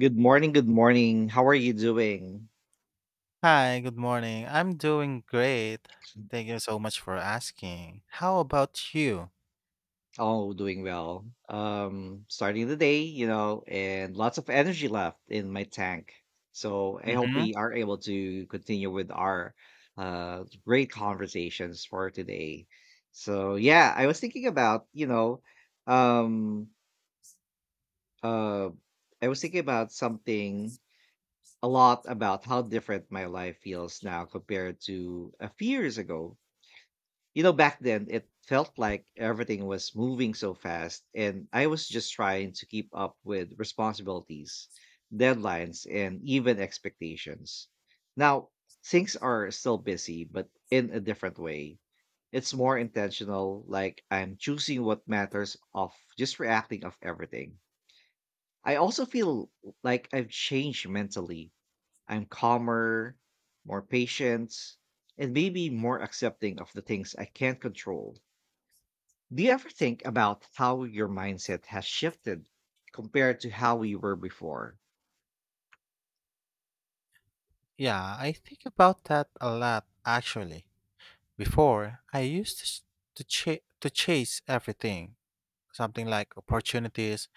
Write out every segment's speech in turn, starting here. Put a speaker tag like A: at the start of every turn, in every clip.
A: Good morning, good morning. How are you doing?
B: Hi, good morning. I'm doing great. Thank you so much for asking. How about you?
A: Oh, doing well. Starting the day, and lots of energy left in my tank. So I hope
B: Mm-hmm.
A: we are able to continue with our great conversations for today. So yeah, I was thinking about, um uh I was thinking about something a lot about how different my life feels now compared to a few years ago. You know, back then it felt like everything was moving so fast, and I was just trying to keep up with responsibilities, deadlines, and even expectations. Now, things are still busy, but in a different way. It's more intentional, like I'm choosing what matters off just reacting off everything. I also feel like I've changed mentally. I'm calmer, more patient, and maybe more accepting of the things I can't control. Do you ever think about how your mindset has shifted compared to how we were before?
B: Yeah, I think about that a lot actually. Before, I used to to chase everything, something like opportunities,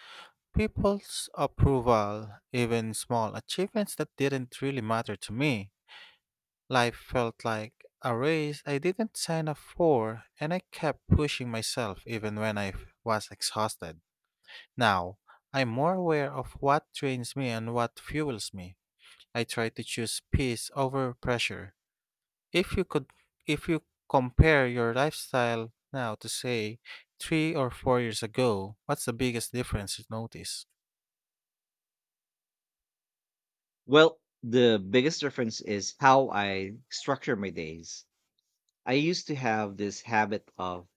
B: people's approval, even small achievements that didn't really matter to me. Life felt like a race I didn't sign up for, and I kept pushing myself even when I was exhausted. Now, I'm more aware of what drains me and what fuels me. I try to choose peace over pressure. If you could if you compare your lifestyle now to say 3 or 4 years ago, what's the biggest difference you notice?
A: Well, the biggest difference is how I structure my days. I used to have this habit of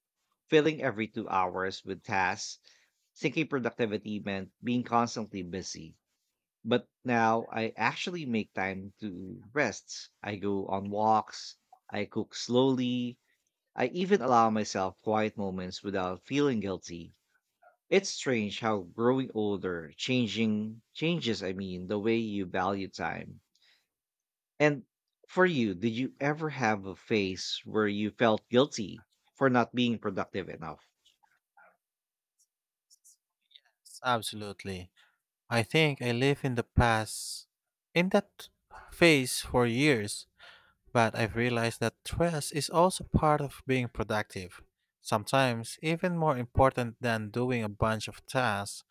A: filling every 2 hours with tasks, thinking productivity meant being constantly busy. But now I actually make time to rest. I go on walks, I cook slowly, I even allow myself quiet moments without feeling guilty. It's strange how growing older, changing changes, I mean, the way you value time. And for you, did you ever have a phase where you felt guilty for not being productive enough?
B: Absolutely. I think I live in the past in that phase for years, but I've realized that stress is also part of being productive sometimes even more important than doing a bunch of tasks.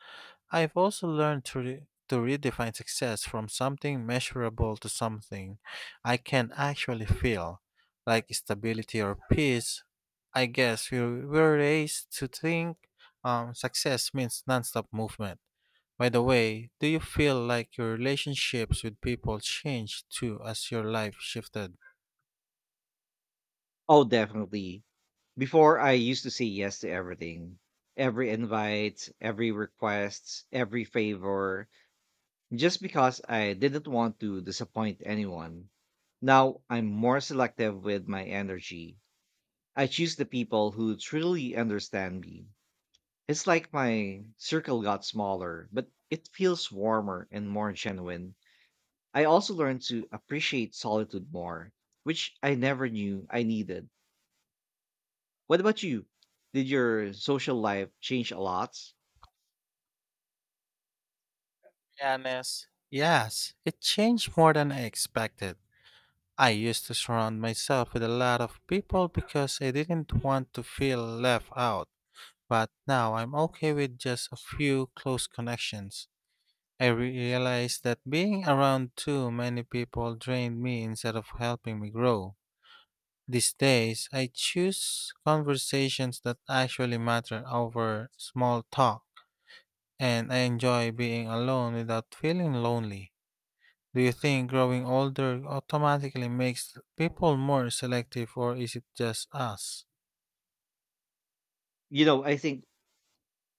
B: I've also learned to, to redefine success from something measurable to something I can actually feel, like stability or peace. I guess we were raised to think success means nonstop movement. By the way, do you feel like your relationships with people changed too as your life shifted?
A: Oh, definitely. Before, I used to say yes to everything. Every invite, every request, every favor, just because I didn't want to disappoint anyone. Now I'm more selective with my energy. I choose the people who truly understand me. It's like my circle got smaller, but it feels warmer and more genuine. I also learned to appreciate solitude more, which I never knew I needed. What about you? Did your social life change a lot?
B: Honest. Yes, it changed more than I expected. I used to surround myself with a lot of people because I didn't want to feel left out, but now I'm okay with just a few close connections. I realized that being around too many people drained me instead of helping me grow. These days, I choose conversations that actually matter over small talk, and I enjoy being alone without feeling lonely. Do you think growing older automatically makes people more selective, or is it just us?
A: You know, I think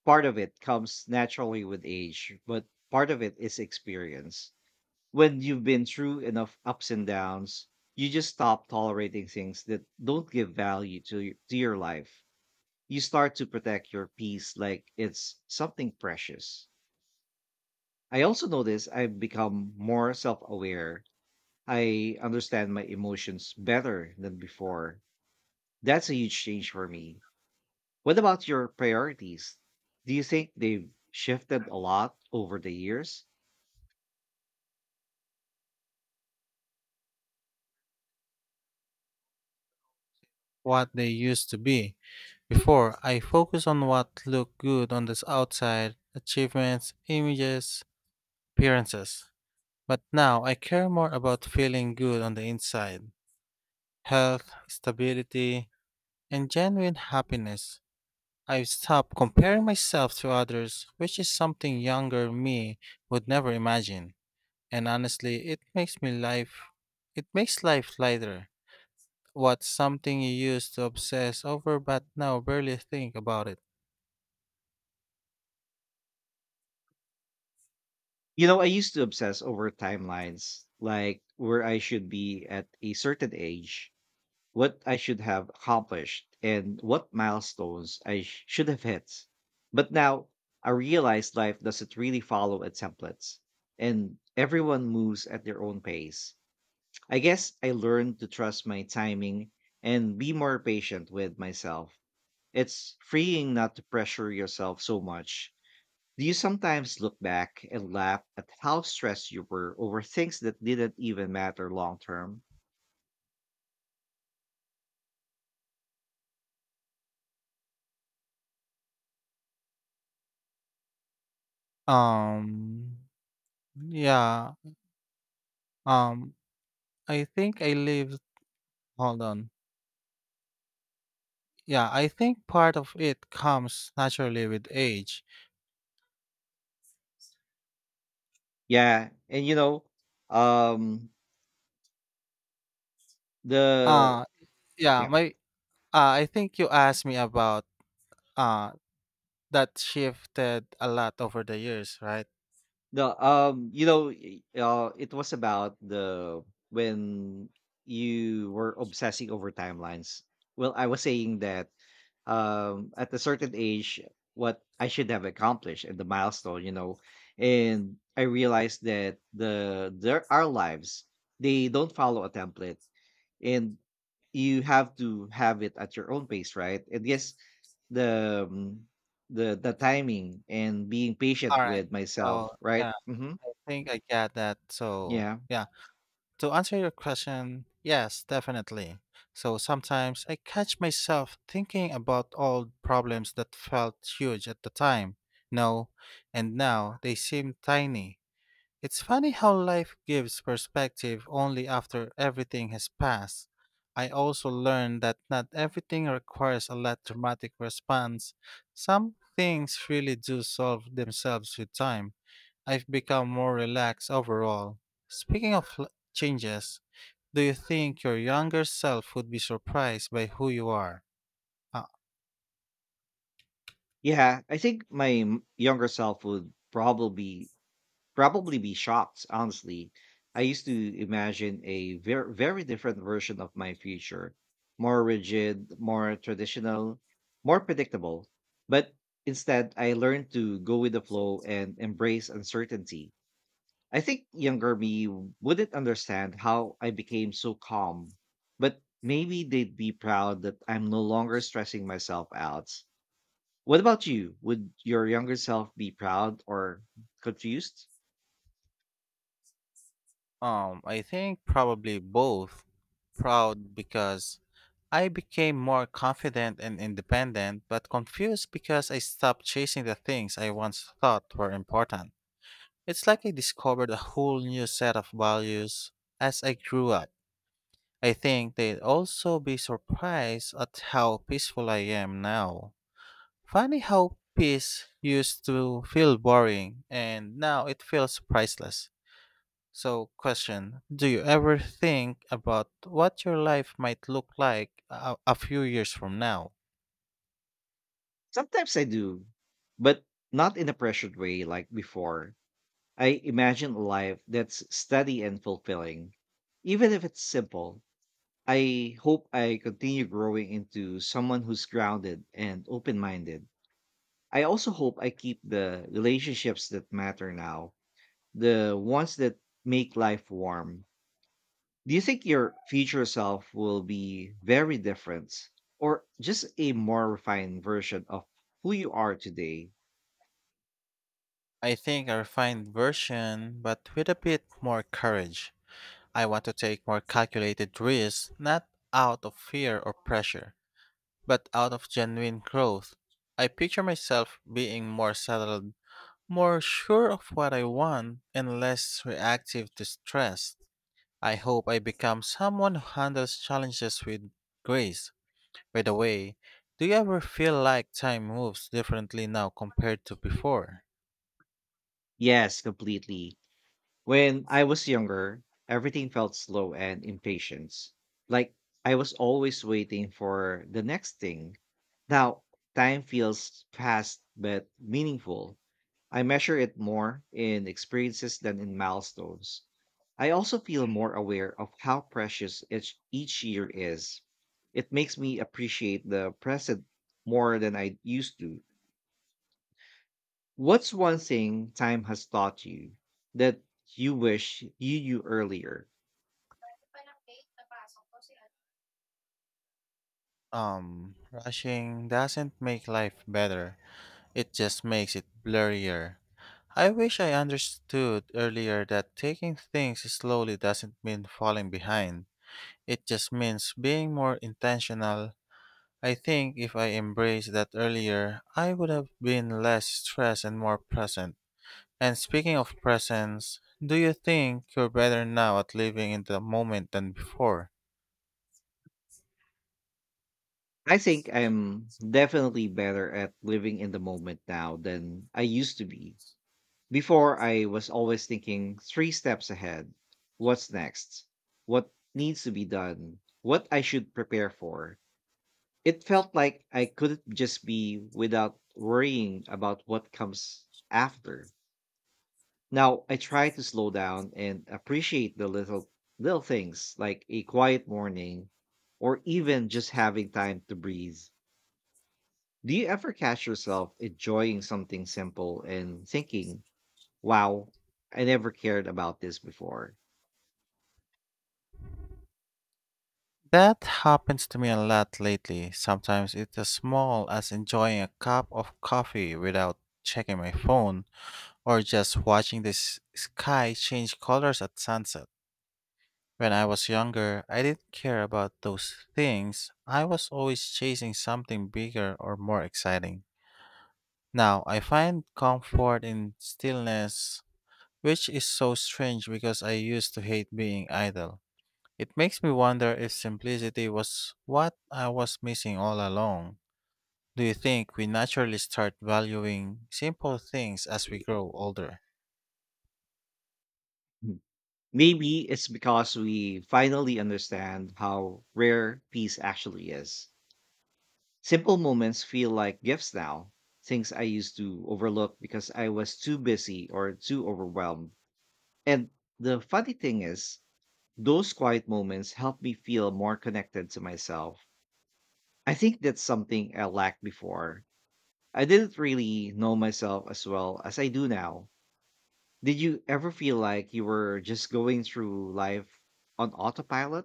A: part of it comes naturally with age, but part of it is experience. When you've been through enough ups and downs, you just stop tolerating things that don't give value to, to your life. You start to protect your peace like it's something precious. I also notice I've become more self aware. I understand my emotions better than before. That's a huge change for me. What about your priorities? Do you think they've shifted a lot over the years?
B: What they used to be. Before, I focus on what looked good on the outside achievements, images, appearances. But now I care more about feeling good on the inside health, stability, and genuine happiness. I've stopped comparing myself to others, which is something younger me would never imagine. And honestly, it makes life lighter. What's something you used to obsess over but now barely think about it?
A: You know, I used to obsess over timelines, like where I should be at a certain age, what I should have accomplished, and what milestones I should have hit. But now I realize life doesn't really follow a template, and everyone moves at their own pace. I guess I learned to trust my timing and be more patient with myself. It's freeing not to pressure yourself so much. Do you sometimes look back and laugh at how stressed you were over things that didn't even matter long term?
B: Um yeah. Um I think I live. Hold on. Yeah, I think part of it comes naturally with age.
A: Yeah, and um The
B: Uh yeah,
A: Yeah.
B: my I think you asked me about uh that shifted a lot over the years, right?
A: the, you know, y It was about the when you were obsessing over timelines. Well, I was saying that, at a certain age, what I should have accomplished and the milestone, and I realized that the there our lives, they don't follow a template. And you have to have it at your own pace, right? And yes, the um, the timing and being patient
B: All right.
A: with myself,
B: So
A: right?
B: yeah,
A: Hmm,
B: I think I got that. So
A: yeah.
B: yeah. To answer your question, yes, definitely. So sometimes I catch myself thinking about old problems that felt huge at the time. No, and now they seem tiny. It's funny how life gives perspective only after everything has passed. I also learned that not everything requires a lot dramatic response. Some things really do solve themselves with time. I've become more relaxed overall. Speaking of changes, do you think your younger self would be surprised by who you are? Uh,
A: Yeah I think my younger self would probably be shocked, honestly. I used to imagine a very, very different version of my future, more rigid, more traditional, more predictable, but instead I learned to go with the flow and embrace uncertainty. I think younger me wouldn't understand how I became so calm, but maybe they'd be proud that I'm no longer stressing myself out. What about you? Would your younger self be proud or confused?
B: I think probably both. Proud because I became more confident and independent, but confused because I stopped chasing the things I once thought were important. It's like I discovered a whole new set of values as I grew up. I think they'd also be surprised at how peaceful I am now. Funny how peace used to feel boring and now it feels priceless. So, question. Do you ever think about what your life might look like a few years from now?
A: Sometimes I do, but not in a pressured way like before. I imagine a life that's steady and fulfilling. Even if it's simple, I hope I continue growing into someone who's grounded and open minded. I also hope I keep the relationships that matter now, the ones that make life warm. Do you think your future self will be very different or just a more refined version of who you are today?
B: I think a refined version, but with a bit more courage. I want to take more calculated risks, not out of fear or pressure, but out of genuine growth. I picture myself being more settled. More sure of what I want and less reactive to stress. I hope I become someone who handles challenges with grace. By the way, do you ever feel like time moves differently now compared to before?
A: Yes, completely. When I was younger, everything felt slow and impatient. Like I was always waiting for the next thing. Now, time feels fast but meaningful. I measure it more in experiences than in milestones. I also feel more aware of how precious each year is. It makes me appreciate the present more than I used to. What's one thing time has taught you that you wish you knew earlier?
B: Rushing doesn't make life better, it just makes it blurrier. I wish I understood earlier that taking things slowly doesn't mean falling behind. It just means being more intentional. I think if I embraced that earlier, I would have been less stressed and more present. And speaking of presence, do you think you're better now at living in the moment than before?
A: I think I'm definitely better at living in the moment now than I used to be. Before, I was always thinking three steps ahead. What's next? What needs to be done? What I should prepare for? It felt like I couldn't just be without worrying about what comes after. Now I try to slow down and appreciate the little things, like a quiet morning or even just having time to breathe. Do you ever catch yourself enjoying something simple and thinking, wow, I never cared about this before.
B: That happens to me a lot lately. Sometimes it's as small as enjoying a cup of coffee without checking my phone or just watching the sky change colors at sunset. When I was younger, I didn't care about those things. I was always chasing something bigger or more exciting. Now, I find comfort in stillness, which is so strange because I used to hate being idle. It makes me wonder if simplicity was what I was missing all along. Do you think we naturally start valuing simple things as we grow older?
A: Mm. Maybe it's because we finally understand how rare peace actually is. Simple moments feel like gifts now, things I used to overlook because I was too busy or too overwhelmed. And the funny thing is, those quiet moments help me feel more connected to myself. I think that's something I lacked before. I didn't really know myself as well as I do now. Did you ever feel like you were just going through life on autopilot?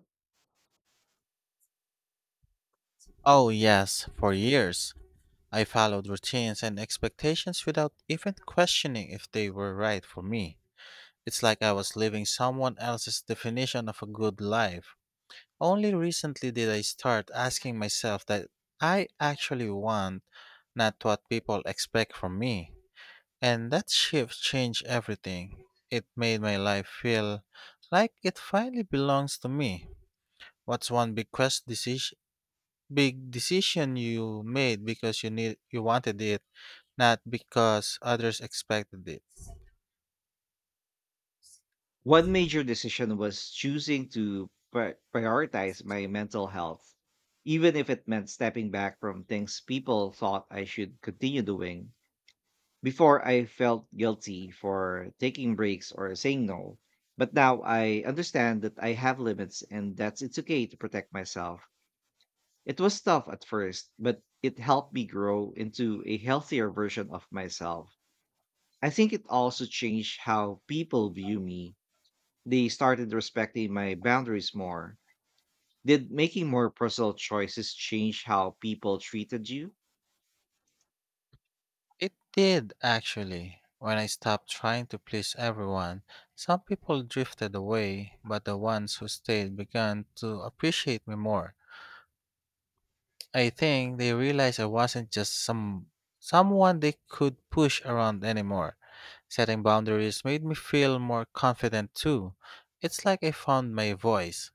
B: Oh, yes, for years. I followed routines and expectations without even questioning if they were right for me. It's like I was living someone else's definition of a good life. Only recently did I start asking myself that I actually want, not what people expect from me. And that shift changed everything. It made my life feel like it finally belongs to me. What's one big decision you made because you wanted it, not because others expected it.
A: One major decision was choosing to prioritize my mental health, even if it meant stepping back from things people thought I should continue doing. Before, I felt guilty for taking breaks or saying no. But now I understand that I have limits and that it's okay to protect myself. It was tough at first, but it helped me grow into a healthier version of myself. I think it also changed how people view me. They started respecting my boundaries more. Did making more personal choices change how people treated you?
B: It did, actually. When I stopped trying to please everyone, some people drifted away, but the ones who stayed began to appreciate me more. I think they realized I wasn't just someone they could push around anymore. Setting boundaries made me feel more confident too. It's like I found my voice.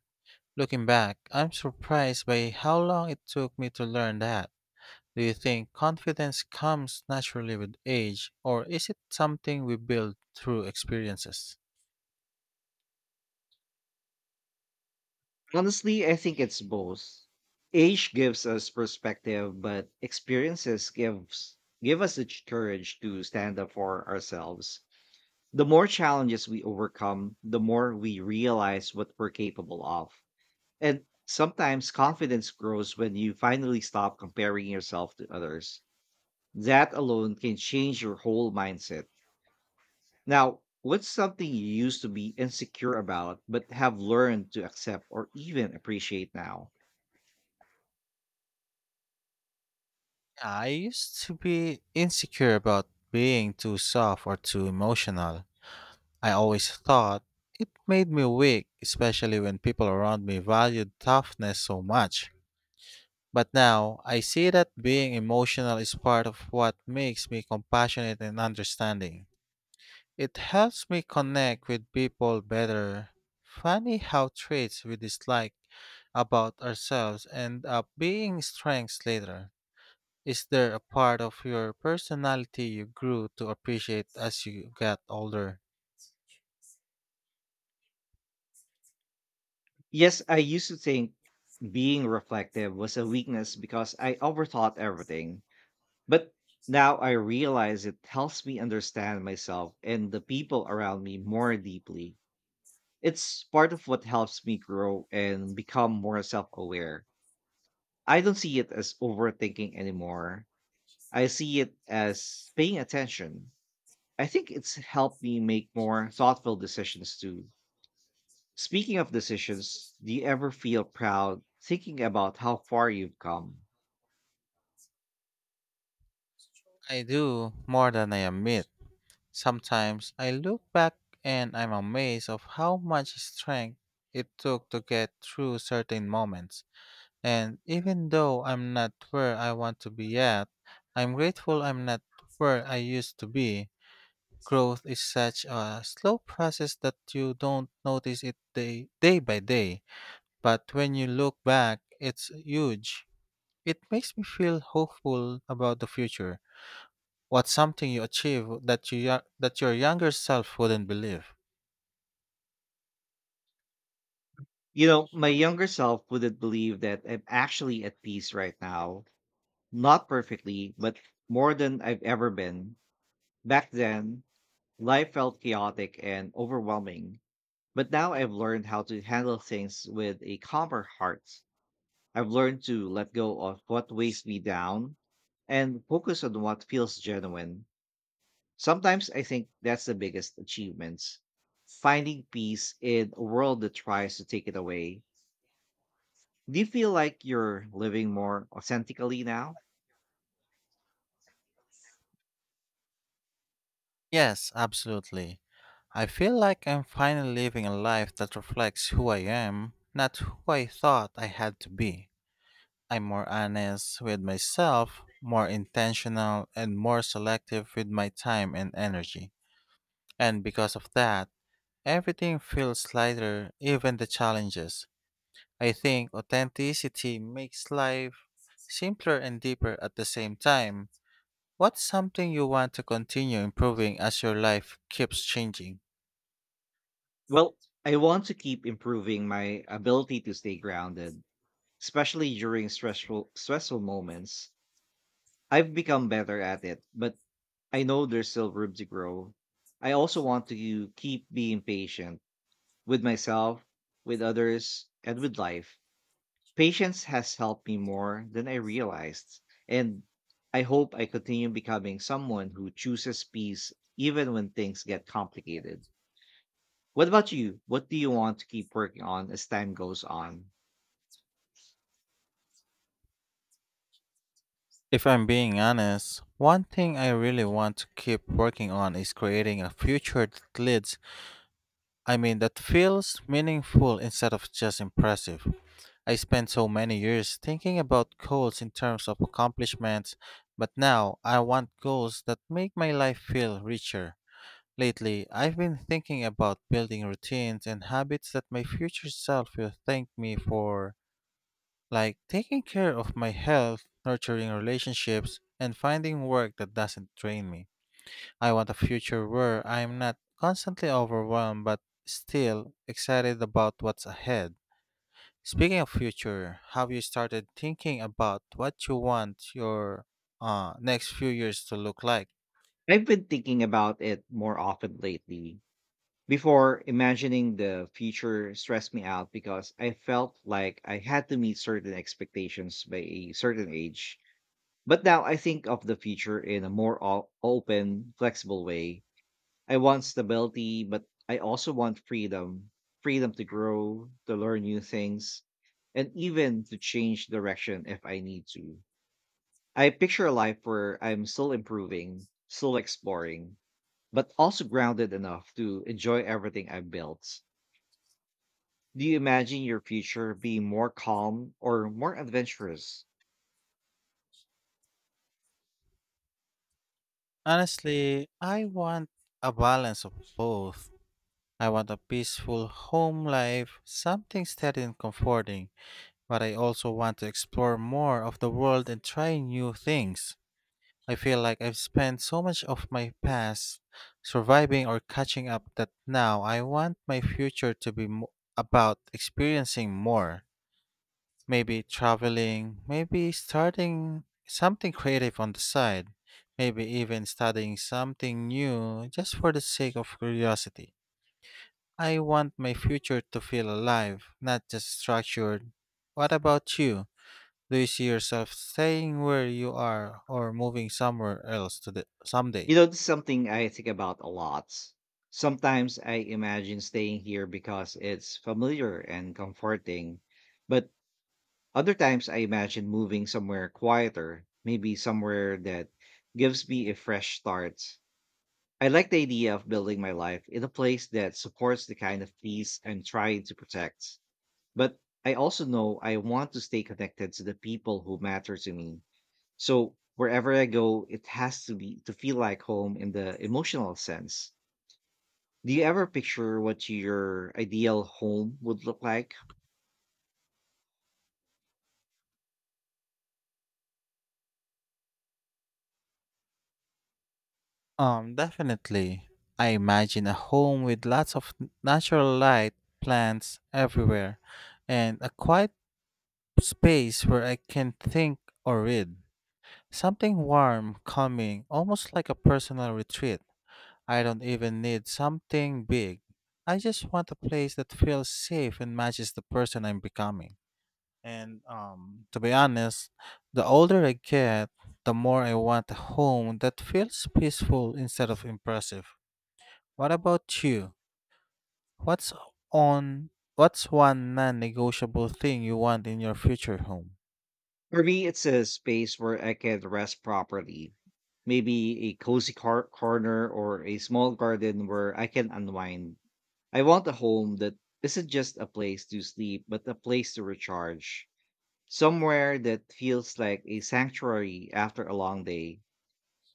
B: Looking back, I'm surprised by how long it took me to learn that. Do you think confidence comes naturally with age, or is it something we build through experiences?
A: Honestly, I think it's both. Age gives us perspective, but experiences give us the courage to stand up for ourselves. The more challenges we overcome, the more we realize what we're capable of. And sometimes confidence grows when you finally stop comparing yourself to others. That alone can change your whole mindset. Now, what's something you used to be insecure about but have learned to accept or even appreciate now?
B: I used to be insecure about being too soft or too emotional. I always thought it made me weak, especially when people around me valued toughness so much. But now I see that being emotional is part of what makes me compassionate and understanding. It helps me connect with people better. Funny how traits we dislike about ourselves end up being strengths later. Is there a part of your personality you grew to appreciate as you got older?
A: Yes, I used to think being reflective was a weakness because I overthought everything. But now I realize it helps me understand myself and the people around me more deeply. It's part of what helps me grow and become more self aware. I don't see it as overthinking anymore. I see it as paying attention. I think it's helped me make more thoughtful decisions too. Speaking of decisions, do you ever feel proud thinking about how far you've come?
B: I do, more than I admit. Sometimes I look back and I'm amazed of how much strength it took to get through certain moments. And even though I'm not where I want to be yet, I'm grateful I'm not where I used to be. Growth is such a slow process that you don't notice it day by day, but when you look back, it's huge. It makes me feel hopeful about the future. What's something you achieve that your younger self wouldn't believe?
A: You know, my younger self wouldn't believe that I'm actually at peace right now. Not perfectly, but more than I've ever been. Back then, life felt chaotic and overwhelming, but now I've learned how to handle things with a calmer heart. I've learned to let go of what weighs me down and focus on what feels genuine. Sometimes I think that's the biggest achievements, finding peace in a world that tries to take it away. Do you feel like you're living more authentically now?
B: Yes, absolutely. I feel like I'm finally living a life that reflects who I am, not who I thought I had to be. I'm more honest with myself, more intentional, and more selective with my time and energy. And because of that, everything feels lighter, even the challenges. I think authenticity makes life simpler and deeper at the same time. What's something you want to continue improving as your life keeps changing?
A: Well, I want to keep improving my ability to stay grounded, especially during stressful moments. I've become better at it, but I know there's still room to grow. I also want to keep being patient with myself, with others, and with life. Patience has helped me more than I realized, and I hope I continue becoming someone who chooses peace even when things get complicated. What about you? What do you want to keep working on as time goes on?
B: If I'm being honest, one thing I really want to keep working on is creating a future that leads, I mean, that feels meaningful instead of just impressive. I spent so many years thinking about goals in terms of accomplishments, but now I want goals that make my life feel richer. Lately, I've been thinking about building routines and habits that my future self will thank me for, like taking care of my health, nurturing relationships, and finding work that doesn't drain me. I want a future where I'm not constantly overwhelmed but still excited about what's ahead. Speaking of future, have you started thinking about what you want your next few years to look like?
A: I've been thinking about it more often lately. Before, imagining the future stressed me out because I felt like I had to meet certain expectations by a certain age. But now I think of the future in a more open, flexible way. I want stability, but I also want freedom to grow, to learn new things, and even to change direction if I need to. I picture a life where I'm still improving, still exploring, but also grounded enough to enjoy everything I've built. Do you imagine your future being more calm or more adventurous?
B: Honestly, I want a balance of both. I want a peaceful home life, something steady and comforting, but I also want to explore more of the world and try new things. I feel like I've spent so much of my past surviving or catching up that now I want my future to be about experiencing more. Maybe traveling, maybe starting something creative on the side, maybe even studying something new just for the sake of curiosity. I want my future to feel alive, not just structured. What about you? Do you see yourself staying where you are or moving somewhere else
A: You
B: someday?
A: know, this is something I think about a lot. Sometimes I imagine staying here because it's familiar and comforting, but other times I imagine moving somewhere quieter, maybe somewhere that gives me a fresh start. I like the idea of building my life in a place that supports the kind of peace I'm trying to protect. But I also know I want to stay connected to the people who matter to me. So wherever I go, it has to be to feel like home in the emotional sense. Do you ever picture what your ideal home would look like?
B: Definitely. I imagine a home with lots of natural light, plants everywhere, and a quiet space where I can think or read. Something warm, calming, almost like a personal retreat. I don't even need something big. I just want a place that feels safe and matches the person I'm becoming. And to be honest, the older I get, the more I want a home that feels peaceful instead of impressive. What about you? What's on what's one non-negotiable thing you want in your future home?
A: For me, it's a space where I can rest properly. Maybe a cozy corner or a small garden where I can unwind. I want a home that isn't just a place to sleep, but a place to recharge. Somewhere that feels like a sanctuary after a long day.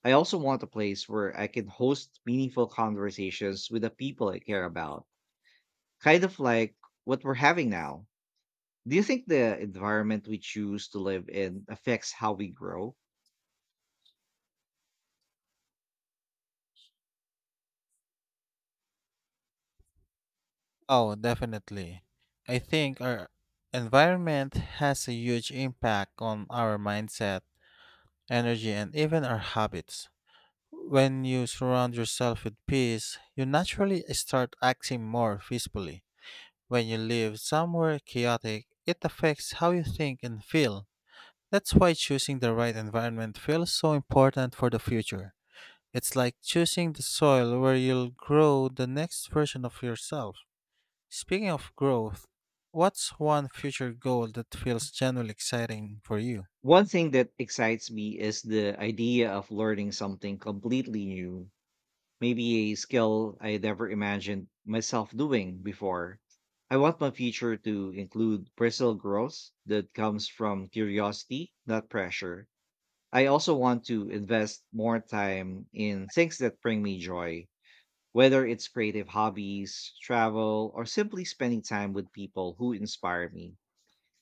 A: I also want a place where I can host meaningful conversations with the people I care about, kind of like what we're having now. Do you think the environment we choose to live in affects how we grow?
B: Oh, definitely. I think our environment has a huge impact on our mindset, energy, and even our habits. When you surround yourself with peace, you naturally start acting more peacefully. When you live somewhere chaotic, it affects how you think and feel. That's why choosing the right environment feels so important for the future. It's like choosing the soil where you'll grow the next version of yourself. Speaking of growth, what's one future goal that feels genuinely exciting for you?
A: One thing that excites me is the idea of learning something completely new, maybe a skill I never imagined myself doing before. I want my future to include personal growth that comes from curiosity, not pressure. I also want to invest more time in things that bring me joy, whether it's creative hobbies, travel, or simply spending time with people who inspire me.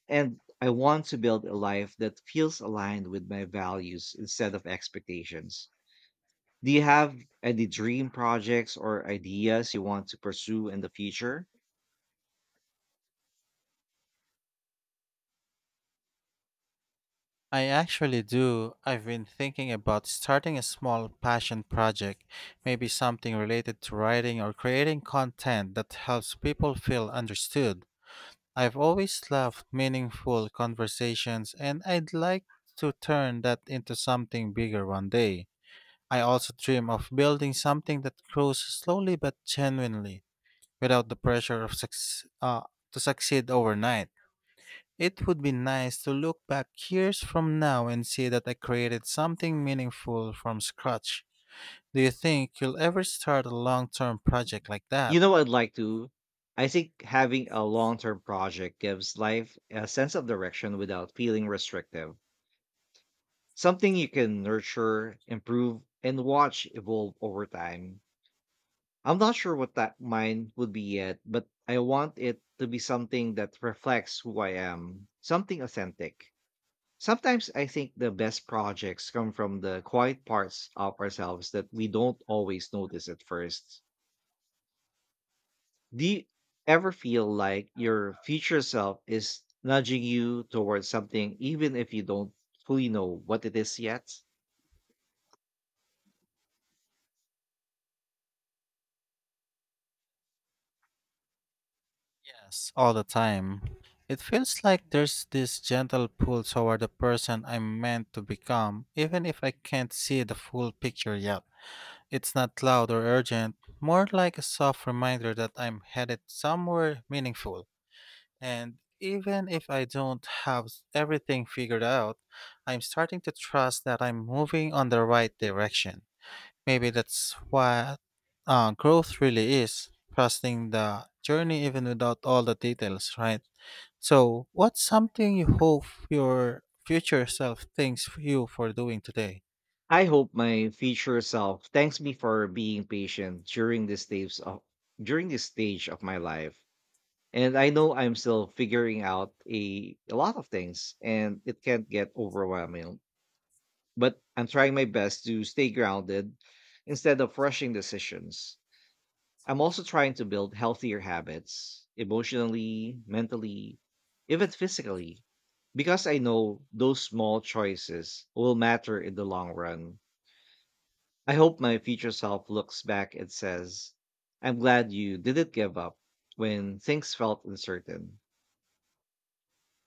A: And I want to build a life that feels aligned with my values instead of expectations. Do you have any dream projects or ideas you want to pursue in the future?
B: I actually do. I've been thinking about starting a small passion project, maybe something related to writing or creating content that helps people feel understood. I've always loved meaningful conversations, and I'd like to turn that into something bigger one day. I also dream of building something that grows slowly but genuinely, without the pressure of to succeed overnight. It would be nice to look back years from now and see that I created something meaningful from scratch. Do you think you'll ever start a long term project like that?
A: You know, I'd like to. I think having a long term project gives life a sense of direction without feeling restrictive. Something you can nurture, improve, and watch evolve over time. I'm not sure what that mine would be yet, but I want it to be something that reflects who I am, something authentic. Sometimes I think the best projects come from the quiet parts of ourselves that we don't always notice at first. Do you ever feel like your future self is nudging you towards something, even if you don't fully know what it is yet?
B: Yes, all the time. It feels like there's this gentle pull toward the person I'm meant to become, even if I can't see the full picture yet. It's not loud or urgent, more like a soft reminder that I'm headed somewhere meaningful. And even if I don't have everything figured out, I'm starting to trust that I'm moving on the right direction. Maybe that's what growth really is trusting the journey even without all the details, right? So, what's something you hope your future self thanks you for doing today?
A: I hope my future self thanks me for being patient during this stage of my life. And I know I'm still figuring out a lot of things, and it can get overwhelming. But I'm trying my best to stay grounded instead of rushing decisions. I'm also trying to build healthier habits emotionally, mentally, even physically, because I know those small choices will matter in the long run. I hope my future self looks back and says, I'm glad you didn't give up when things felt uncertain.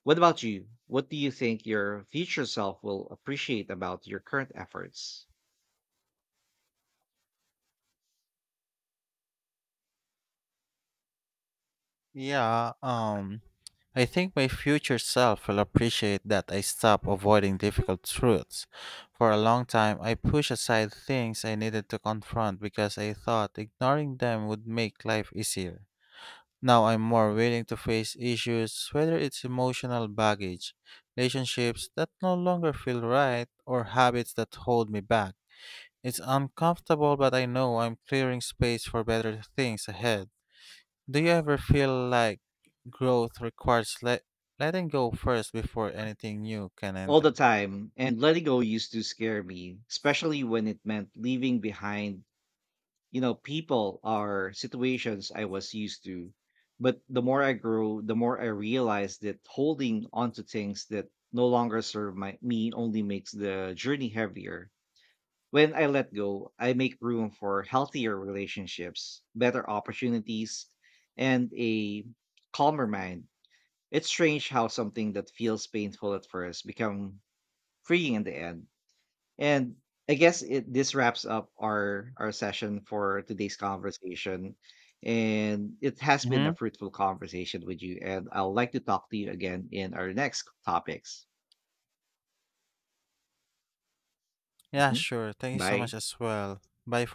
A: What about you? What do you think your future self will appreciate about your current efforts?
B: Yeah, I think my future self will appreciate that I stopped avoiding difficult truths. For a long time, I pushed aside things I needed to confront because I thought ignoring them would make life easier. Now I'm more willing to face issues, whether it's emotional baggage, relationships that no longer feel right, or habits that hold me back. It's uncomfortable, but I know I'm clearing space for better things ahead. Do you ever feel like growth requires letting go first before anything new can
A: All the
B: enter?
A: time. And letting go used to scare me, especially when it meant leaving behind, you know, people or situations I was used to. But the more I grew, the more I realized that holding onto things that no longer serve me only makes the journey heavier. When I let go, I make room for healthier relationships, better opportunities, and a calmer mind. It's strange how something that feels painful at first become freeing in the end. And I guess it this wraps up our session for today's conversation. And it has been
B: Hmm.
A: a fruitful conversation with you, and I'd like to talk to you again in our next topics.
B: Yeah,
A: Mhm.
B: sure. Thank you so
A: Bye.
B: much as well. Bye for